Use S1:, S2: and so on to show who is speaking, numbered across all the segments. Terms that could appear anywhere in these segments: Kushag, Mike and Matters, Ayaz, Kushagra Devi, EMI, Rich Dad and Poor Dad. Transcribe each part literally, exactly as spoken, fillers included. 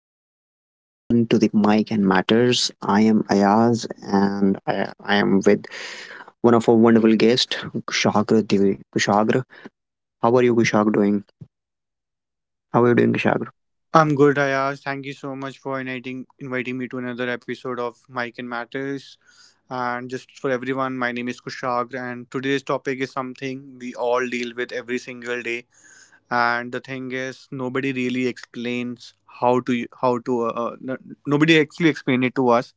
S1: welcome back everyone to the Mic and Matters. I am Ayaz and I, I am with one of our wonderful guests, Kushagra Devi. Kushagra, how are you, Kushagra, doing? How are you doing, Kushagra?
S2: I'm good, Ayaz. Thank you so much for inviting inviting me to another episode of Mike and Matters. And just for everyone, my name is Kushag, and today's topic is something we all deal with every single day. And the thing is, nobody really explains how to how to uh, uh, n- nobody actually explained it to us.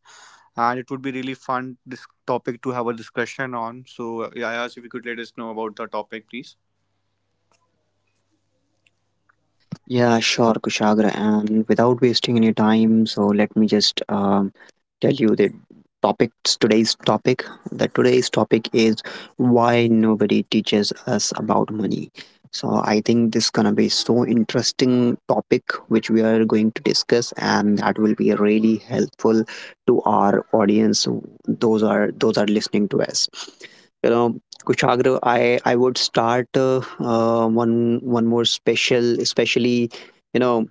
S2: And it would be really fun this topic to have a discussion on. So, uh, Ayaz, if you could let us know about the topic, please.
S1: Yeah, sure, Kushagra. And without wasting any time, so let me just um, tell you the topics. Today's topic. The today's topic is why nobody teaches us about money. So I think this gonna be so interesting topic which we are going to discuss, and that will be really helpful to our audience. Those are those are listening to us. You know, Kushagra, I I would start uh, uh, one one more special, especially you know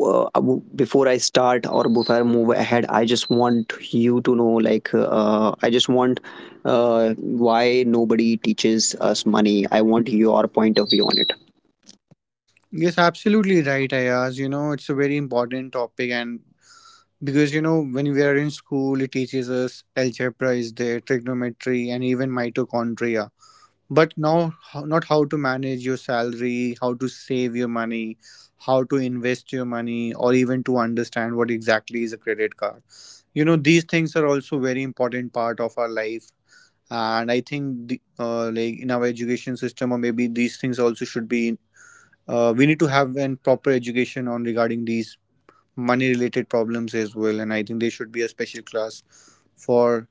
S1: uh, w- before I start or before I move ahead. I just want you to know, like uh, I just want uh, why nobody teaches us money. I want your point of view on it.
S2: Yes, absolutely right, Ayaz. You know, it's a very important topic, and because you know, when we are in school, it teaches us algebra is there, trigonometry, and even mitochondria. But now, how- not how to manage your salary, how to save your money, how to invest your money, or even to understand what exactly is a credit card. You know, these things are also very important part of our life, and I think the, uh, like in our education system, or maybe these things also should be. Uh, we need to have an proper education on regarding these money related problems as well, and I think there should be a special class for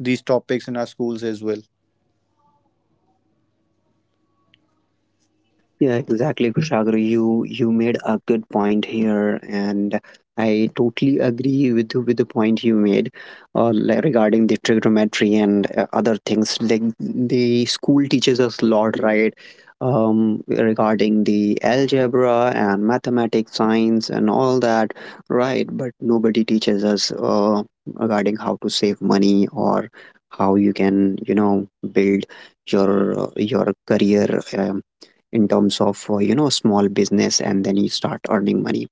S2: these topics in our schools as well.
S1: Yeah, exactly, Kushagra. You you made a good point here, and I totally agree with you with the point you made, uh, like regarding the trigonometry and uh, other things. Like the school teaches us a lot, right? Um, regarding the algebra and mathematics, science, and all that, right? But nobody teaches us uh, regarding how to save money or how you can, you know, build your your career um, in terms of uh, you know small business and then you start earning money.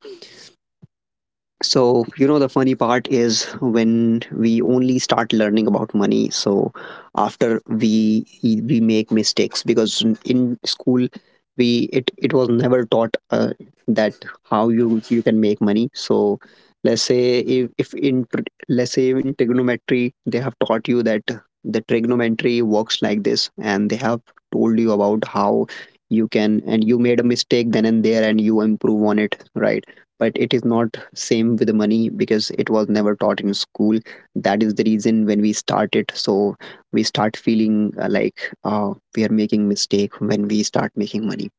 S1: So, you know, the funny part is when we only start learning about money. So, after we we make mistakes because in school we it it was never taught uh, that how you you can make money. So, let's say if, if in tr- let's say in trigonometry they have taught you that the trigonometry works like this, and they have told you about how you can and you made a mistake then and there and you improve on it, right? But it is not same with the money because it was never taught in school. That is the reason when we started, so we start feeling uh, like uh, we are making mistake when we start making money.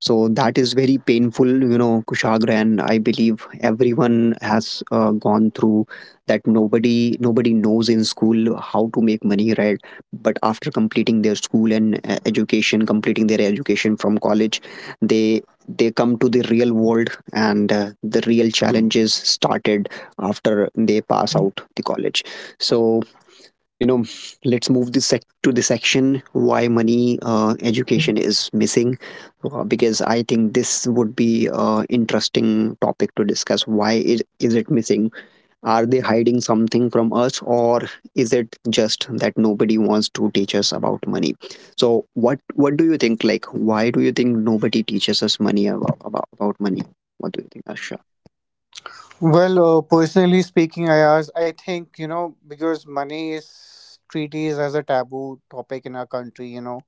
S1: So that is very painful, you know, Kushagra, and I believe everyone has uh, gone through that. Nobody nobody knows in school how to make money, right? But after completing their school and uh, education completing their education from college, they they come to the real world and uh, the real challenges started after they pass out the college. So, you know, let's move this sec- to the section why money uh, education is missing, uh, because I think this would be uh, interesting topic to discuss. Why is, is it missing? Are they hiding something from us, or is it just that nobody wants to teach us about money? So what what do you think, like why do you think nobody teaches us money about about, about money? What do you think, Asha?
S2: Well, uh, personally speaking, Ayaz, I think, you know, because money is treated as a taboo topic in our country, you know,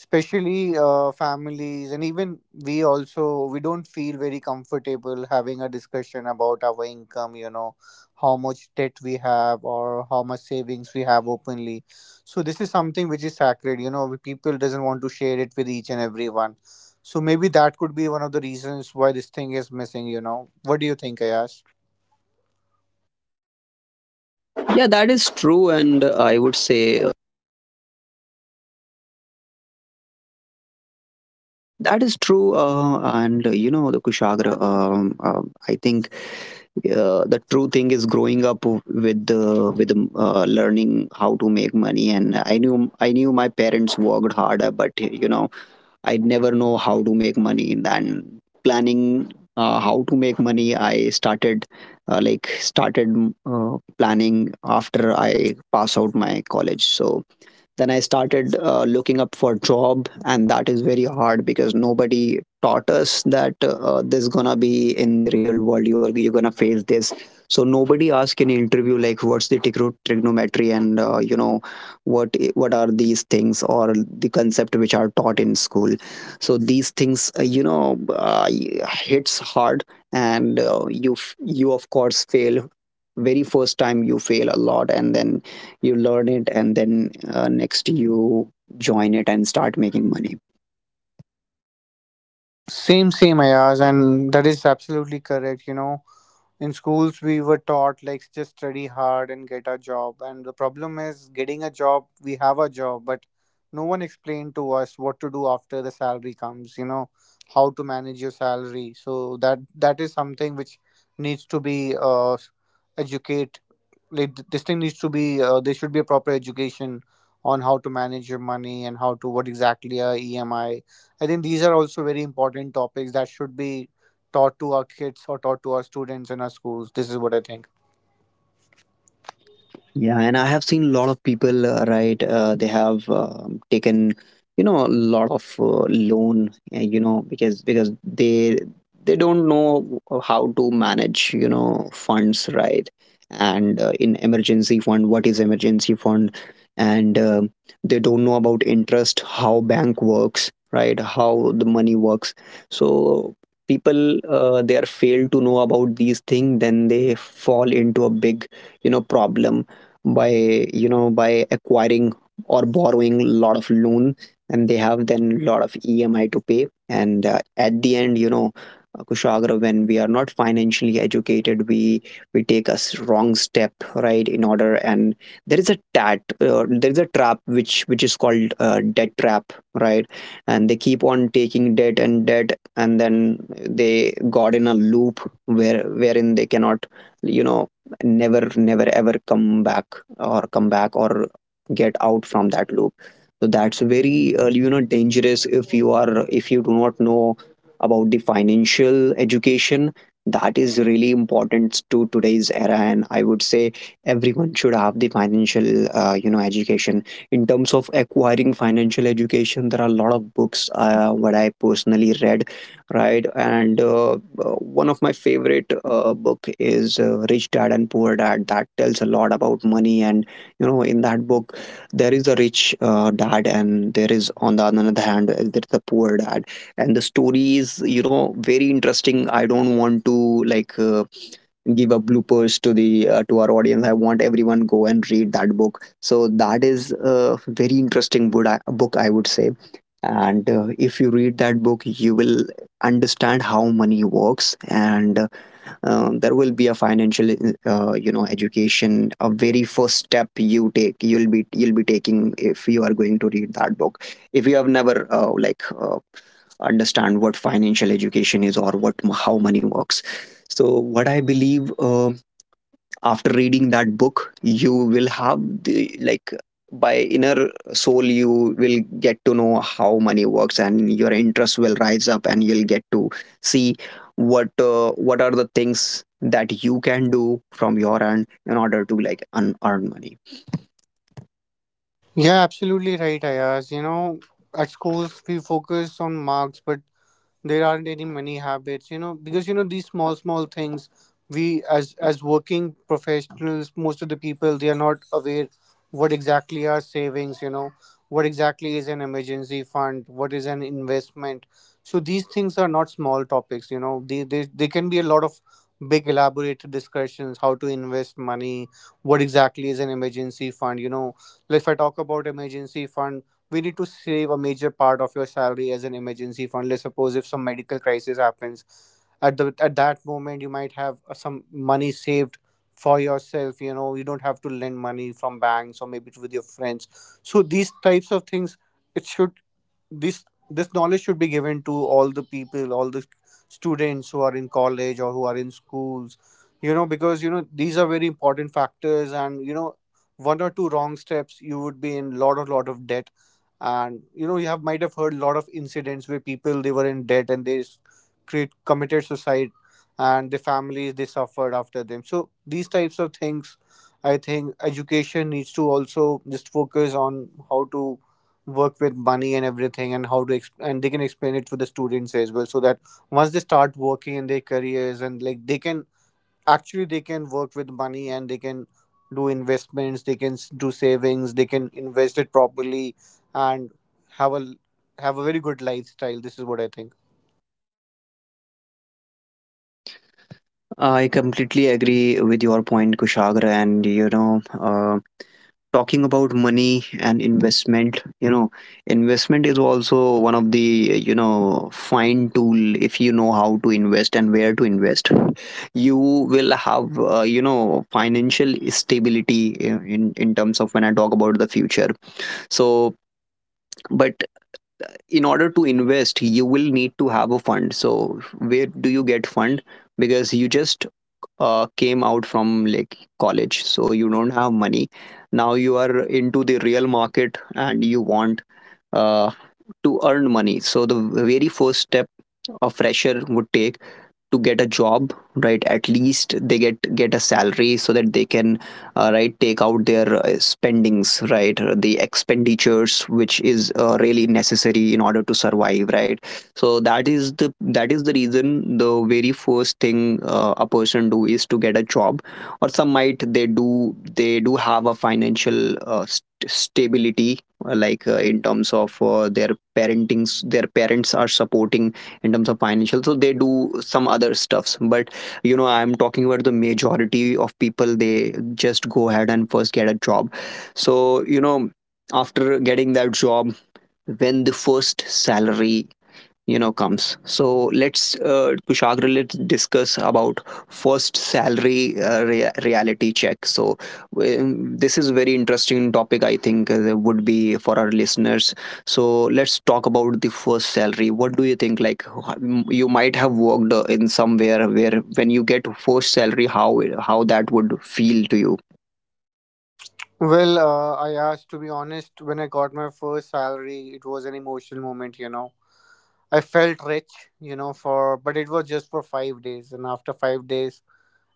S2: especially uh, families, and even we also, we don't feel very comfortable having a discussion about our income, you know, how much debt we have or how much savings we have openly. So this is something which is sacred, you know, we- people doesn't want to share it with each and everyone. So maybe that could be one of the reasons why this thing is missing, you know. What do you think, Ayaz?
S1: yeah that is true and i would say That is true, uh, and uh, you know the Kushagra. Um, um, I think uh, the true thing is growing up with uh, with the, uh, learning how to make money. And I knew I knew my parents worked harder, but you know I never know how to make money. Then planning uh, how to make money, I started uh, like started uh, planning after I pass out my college. So then I started uh, looking up for job, and that is very hard because nobody taught us that uh, this is gonna be in the real world. You are you're gonna face this. So nobody asked in interview like what's the tigro- trigonometry and uh, you know what what are these things or the concept which are taught in school. So these things, uh, you know uh, hits hard, and uh, you f- you of course fail. Very first time you fail a lot, and then you learn it, and then uh, next you join it and start making money.
S2: Same, same, Ayaz, and that is absolutely correct. You know, in schools we were taught like just study hard and get a job, and the problem is getting a job. We have a job, but no one explained to us what to do after the salary comes. You know, how to manage your salary. So that that is something which needs to be uh, educated. Like th- this thing needs to be, uh, there should be a proper education on how to manage your money and how to what exactly a E M I. I think these are also very important topics that should be taught to our kids or taught to our students in our schools. This is what I think.
S1: Yeah, and I have seen a lot of people, uh, right? Uh, they have um, taken, you know, a lot of uh, loan, uh, you know, because because they they don't know how to manage, you know, funds, right? And uh, in emergency fund, what is emergency fund? And um they don't know about interest, how bank works, right? How the money works. So people, uh, they are failed to know about these things, then they fall into a big, you know, problem by, you know, by acquiring or borrowing a lot of loan, and they have then a lot of EMI to pay. And uh, at the end, you know, uh, Kushagra, when we are not financially educated, we we take a wrong step, right, in order. And there is a tat uh, there is a trap which which is called uh, debt trap, right? And they keep on taking debt and debt, and then they got in a loop, where wherein they cannot, you know, never never ever come back, or come back, or get out from that loop. So that's very, uh, you know, dangerous if you are, if you do not know about the financial education. That is really important to today's era, and I would say everyone should have the financial, uh, you know, education. In terms of acquiring financial education, there are a lot of books uh, what I personally read, right? And uh, uh, one of my favorite uh, book is uh, Rich Dad and Poor Dad. That tells a lot about money, and you know, in that book, there is a rich uh, dad, and there is on the other hand, uh, there is a poor dad, and the story is, you know, very interesting. I don't want to like uh, give a bloopers to the uh, to our audience. I want everyone go and read that book. So that is a very interesting book. I- Book I would say. And uh, if you read that book, you will understand how money works. And uh, um, there will be a financial uh, you know education. A very first step you take, you'll be you'll be taking if you are going to read that book. If you have never uh, like uh, understand what financial education is or what how money works. So what I believe, um, after reading that book, you will have the, like, by inner soul, you will get to know how money works, and your interest will rise up, and you'll get to see what uh, what are the things that you can do from your end in order to like un- earn money.
S2: Yeah, absolutely right, Ayaz. You know, at schools we focus on marks, but there aren't any many habits, you know, because you know these small small things. We as as working professionals, most of the people, they are not aware what exactly are savings, you know, what exactly is an emergency fund, what is an investment. So these things are not small topics, you know, they they, they can be a lot of big elaborated discussions, how to invest money, what exactly is an emergency fund, you know. Like, if I talk about emergency fund, we need to save a major part of your salary as an emergency fund. Let's suppose if some medical crisis happens, at the at that moment you might have uh, some money saved for yourself. You know, you don't have to lend money from banks or maybe with your friends. So these types of things, it should, this this knowledge should be given to all the people, all the students who are in college or who are in schools, you know. Because you know these are very important factors, and you know one or two wrong steps, you would be in lot of lot of debt. And you know you have might have heard a lot of incidents where people they were in debt, and they s- create committed suicide, and the families they suffered after them. So these types of things, I think education needs to also just focus on how to work with money and everything, and how to exp- and they can explain it to the students as well, so that once they start working in their careers, and like they can actually, they can work with money, and they can do investments, they can s- do savings, they can invest it properly, and have a have a very good lifestyle. This is what I think.
S1: I completely agree with your point, Kushagra. And you know, uh, talking about money and investment, you know, investment is also one of the, you know, fine tool if you know how to invest and where to invest. You will have, uh, you know, financial stability in in in terms of when I talk about the future. So, but in order to invest, you will need to have a fund. So where do you get fund? Because you just uh, came out from like college, so you don't have money. Now you are into the real market, and you want uh, to earn money. So the very first step a fresher would take to get a job, right, at least they get get a salary so that they can, uh, right take out their uh, spendings, right, uh, the expenditures which is uh, really necessary in order to survive, right? So that is the, that is the reason the very first thing uh, a person do is to get a job. Or some might, they do they do have a financial uh, st- stability, uh, like uh, in terms of uh, their parentings, their parents are supporting in terms of financial, so they do some other stuffs. But you know, I'm talking about the majority of people, they just go ahead and first get a job. So you know, after getting that job, when the first salary, you know, comes. So let's, uh, Kushagra, let's discuss about first salary, uh, rea- reality check. So um, this is very interesting topic, I think uh, would be for our listeners. So let's talk about the first salary. What do you think, like wh- you might have worked uh, in somewhere? Where when you get first salary, how how that would feel to you?
S2: Well, uh, I asked, to be honest, when I got my first salary it was an emotional moment, you know. I felt rich, you know, for but it was just for five days, and after five days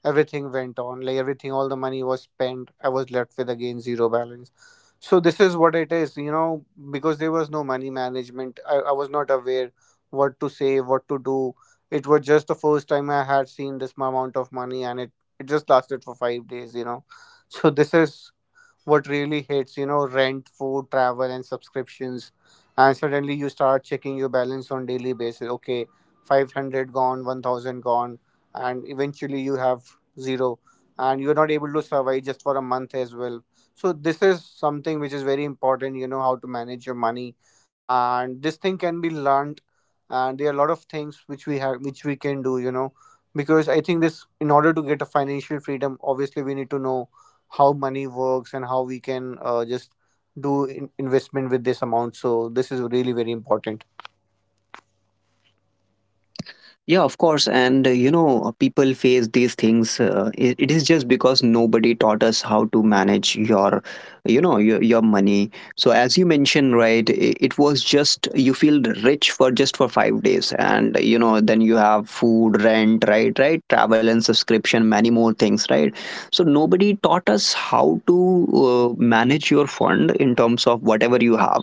S2: everything went on, like everything, all the money was spent. I was left with again zero balance. So this is what it is, you know, because there was no money management. i, I was not aware what to say, what to do. It was just the first time I had seen this amount of money, and it it just lasted for five days, you know. So this is what really hits, you know, rent, food, travel, and subscriptions. And suddenly you start checking your balance on daily basis. Okay, five hundred gone, one thousand gone, and eventually you have zero, and you're not able to survive just for a month as well. So this is something which is very important, you know, how to manage your money. And this thing can be learned, and there are a lot of things which we have, which we can do, you know, because I think this, in order to get a financial freedom, obviously we need to know how money works and how we can, uh, just do in- investment with this amount. So this is really very important.
S1: Yeah, of course. And uh, you know, uh, people face these things. Uh, it, it is just because nobody taught us how to manage your, you know, your, your money. So as you mentioned, right, it, it was just you feel rich for just for five days, and you know, then you have food, rent, right, right, travel and subscription, many more things, right? So nobody taught us how to uh, manage your fund in terms of whatever you have.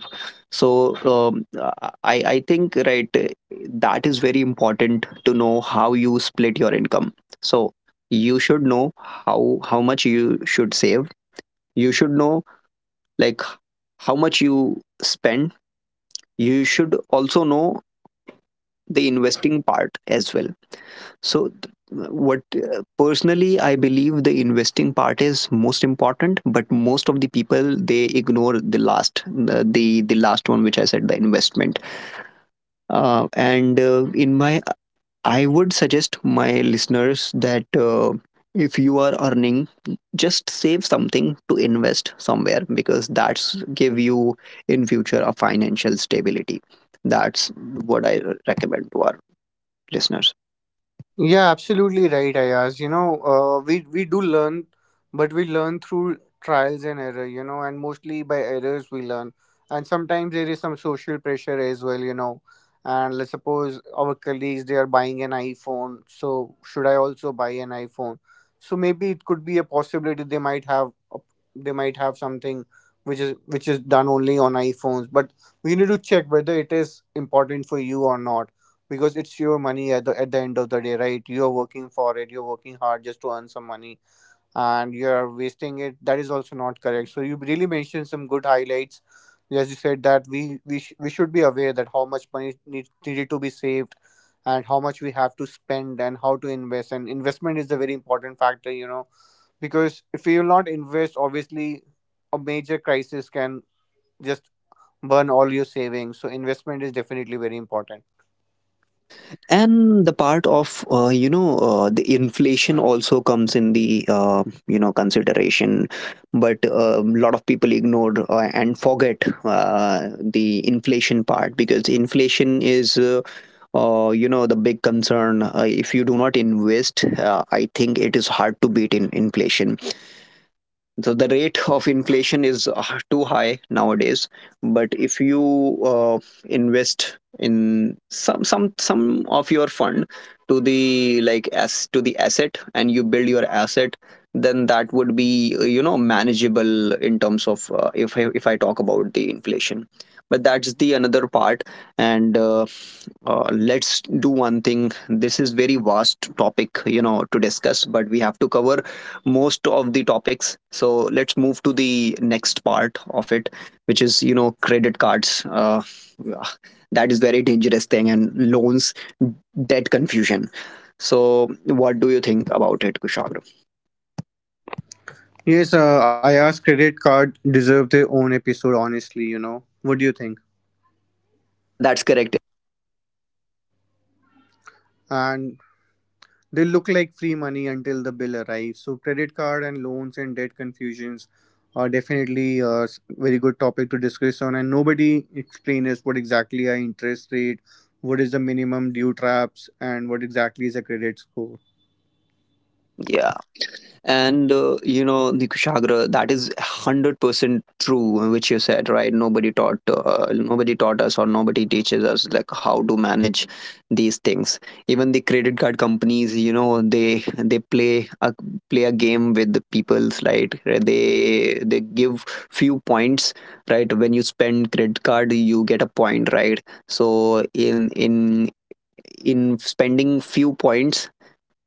S1: So um, uh, I I think right that is very important to know how you split your income. So you should know how how much you should save. You should know like how much you spend. You should also know the investing part as well. So th- what uh, personally I believe the investing part is most important, but most of the people they ignore the last the the, the last one which I said the investment. Uh, and uh, in my I would suggest my listeners that uh, if you are earning, just save something to invest somewhere because that's give you in future a financial stability. That's what I recommend to our listeners.
S2: Yeah, absolutely right, Ayaz. You know, uh, we we do learn, but we learn through trials and error. You know, and mostly by errors we learn. And sometimes there is some social pressure as well. You know, and let's suppose our colleagues, they are buying an iPhone, so should I also buy an iPhone? So maybe it could be a possibility, they might have a- they might have something which is, which is done only on iPhones. But we need to check whether it is important for you or not, because it's your money at the, at the end of the day, right? You're working for it, you're working hard just to earn some money, and you're wasting it. That is also not correct. So you really mentioned some good highlights. As you said that we we, sh- we should be aware that how much money need, needed to be saved, and how much we have to spend, and how to invest. And investment is a very important factor, you know, because if you will not invest, obviously a major crisis can just burn all your savings. So investment is definitely very important.
S1: And the part of uh, you know uh, the inflation also comes in the uh, you know consideration, but a lot of people ignored uh, and forget uh, the inflation part because inflation is. Uh, uh, you know the big concern uh, if you do not invest, uh, I think it is hard to beat in inflation. So the rate of inflation is uh, too high nowadays, but if you uh, invest in some some some of your fund to the, like, as to the asset, and you build your asset, then that would be, uh, you know manageable in terms of uh, if i if i talk about the inflation. But that's the another part. And uh, uh, Let's do one thing. This is very vast topic, you know, to discuss, but we have to cover most of the topics, so let's move to the next part of it, which is, you know, credit cards, uh, yeah, that is very dangerous thing, and loans, debt confusion. So what do you think about it, Kushal?
S2: Yes, uh, I asked, credit card deserve their own episode, honestly, you know. What do you think?
S1: Yeah, that's correct.
S2: And they look like free money until the bill arrives. So credit card and loans and debt confusions are definitely a s- very good topic to discuss on. And nobody explains what exactly are interest rate, what is the minimum due traps, and what exactly is a credit score.
S1: Yeah, and uh, you know the Kushagra, that is one hundred percent true which you said. Right, nobody taught uh, nobody taught us or nobody teaches us like how to manage these things. Even the credit card companies, you know, they they play a play a game with the people's, right? they they give few points, right? When you spend credit card, you get a point, right? So in in in spending few points,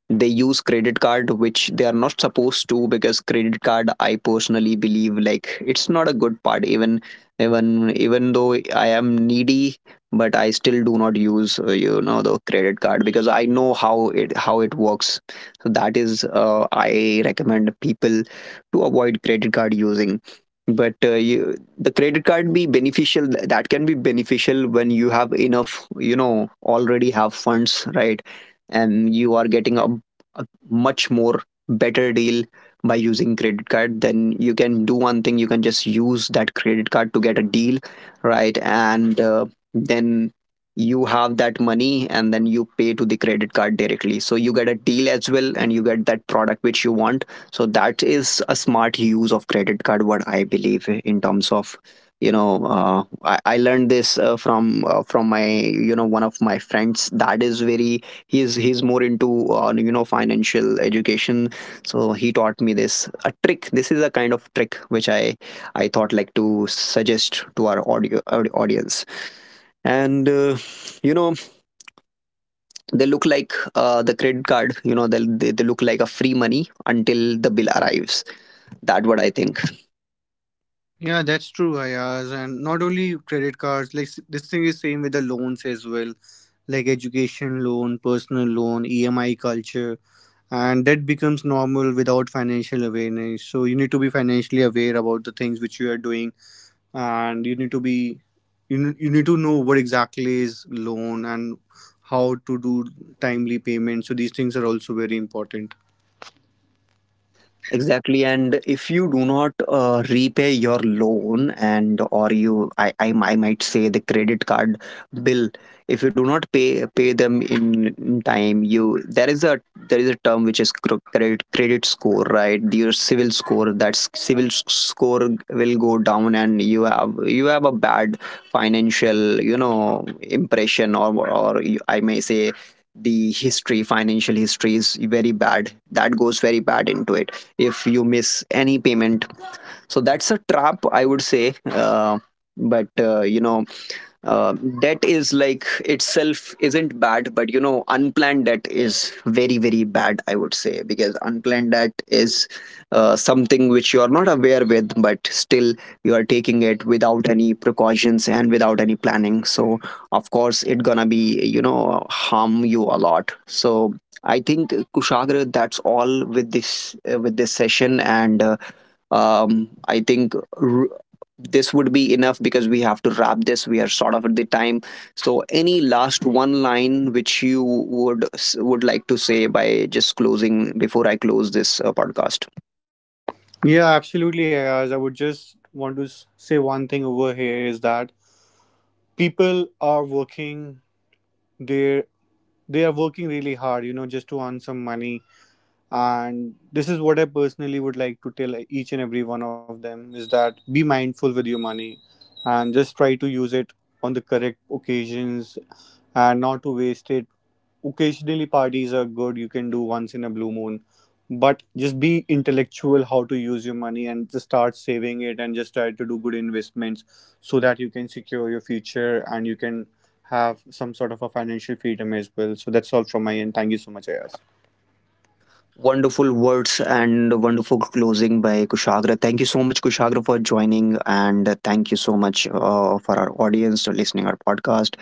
S1: they use credit card which they are not supposed to, because credit card, I personally believe, like, it's not a good part. Even even even though I am needy, but I still do not use, uh, you know, the credit card, because I know how it how it works. So that is, uh, I recommend people to avoid credit card using. But uh, you, the credit card be beneficial, that can be beneficial when you have enough, you know, already have funds, right? And you are getting a a much more better deal by using credit card. Then you can do one thing, you can just use that credit card to get a deal, right? and uh, Then you have that money, and then you pay to the credit card directly, so you get a deal as well, and you get that product which you want. So that is a smart use of credit card, what I believe, in terms of you know uh, I, I learned this uh, from uh, from my, you know, one of my friends. That is very, he's he's more into, uh, you know financial education. So he taught me this a trick, this is a kind of trick which i i thought like to suggest to our audio audi- audience. And uh, You know, they look like, uh, the credit card, you know, they, they, they look like a free money until the bill arrives. That what I think.
S2: Yeah, that's true, Ayaz. And not only credit cards, like s- this thing is same with the loans as well, like education loan, personal loan, E M I culture, and that becomes normal without financial awareness. So you need to be financially aware about the things which you are doing, and you need to be, you n- you need to know what exactly is loan and how to do timely payments. So these things are also very important.
S1: Exactly, and if you do not uh, repay your loan, and or you, I, I, I might say the credit card bill. If you do not pay pay them in, in time, you, there is a there is a term which is cr- credit credit score, right? Your civil score. That s- civil s- score will go down, and you have you have a bad financial, you know, impression, or or you, I may say, the history, financial history is very bad. That goes very bad into it if you miss any payment. So that's a trap, I would say. Uh, but uh, You know, uh, debt is like itself isn't bad, but you know, unplanned debt is very very bad, I would say, because unplanned debt is uh, something which you are not aware with, but still you are taking it without any precautions and without any planning. So of course it gonna be, you know, harm you a lot. So I think, Kushagra, that's all with this uh, with this session. And uh, um, I think r- this would be enough because we have to wrap this. We are sort of at the time. So any last one line which you would would like to say, by just closing, before I close this uh, podcast?
S2: Yeah, absolutely, Ayaz. I would just want to s- say one thing over here, is that people are working, they they are working really hard, you know, just to earn some money. And this is what I personally would like to tell each and every one of them, is that be mindful with your money, and just try to use it on the correct occasions and not to waste it. Occasionally parties are good, you can do once in a blue moon, but just be intellectual how to use your money, and just start saving it, and just try to do good investments, so that you can secure your future, and you can have some sort of a financial freedom as well. So that's all from my end. Thank you so much, Ayaz.
S1: Wonderful words and wonderful closing by Kushagra. Thank you so much, Kushagra, for joining, and thank you so much uh, for our audience for listening our podcast.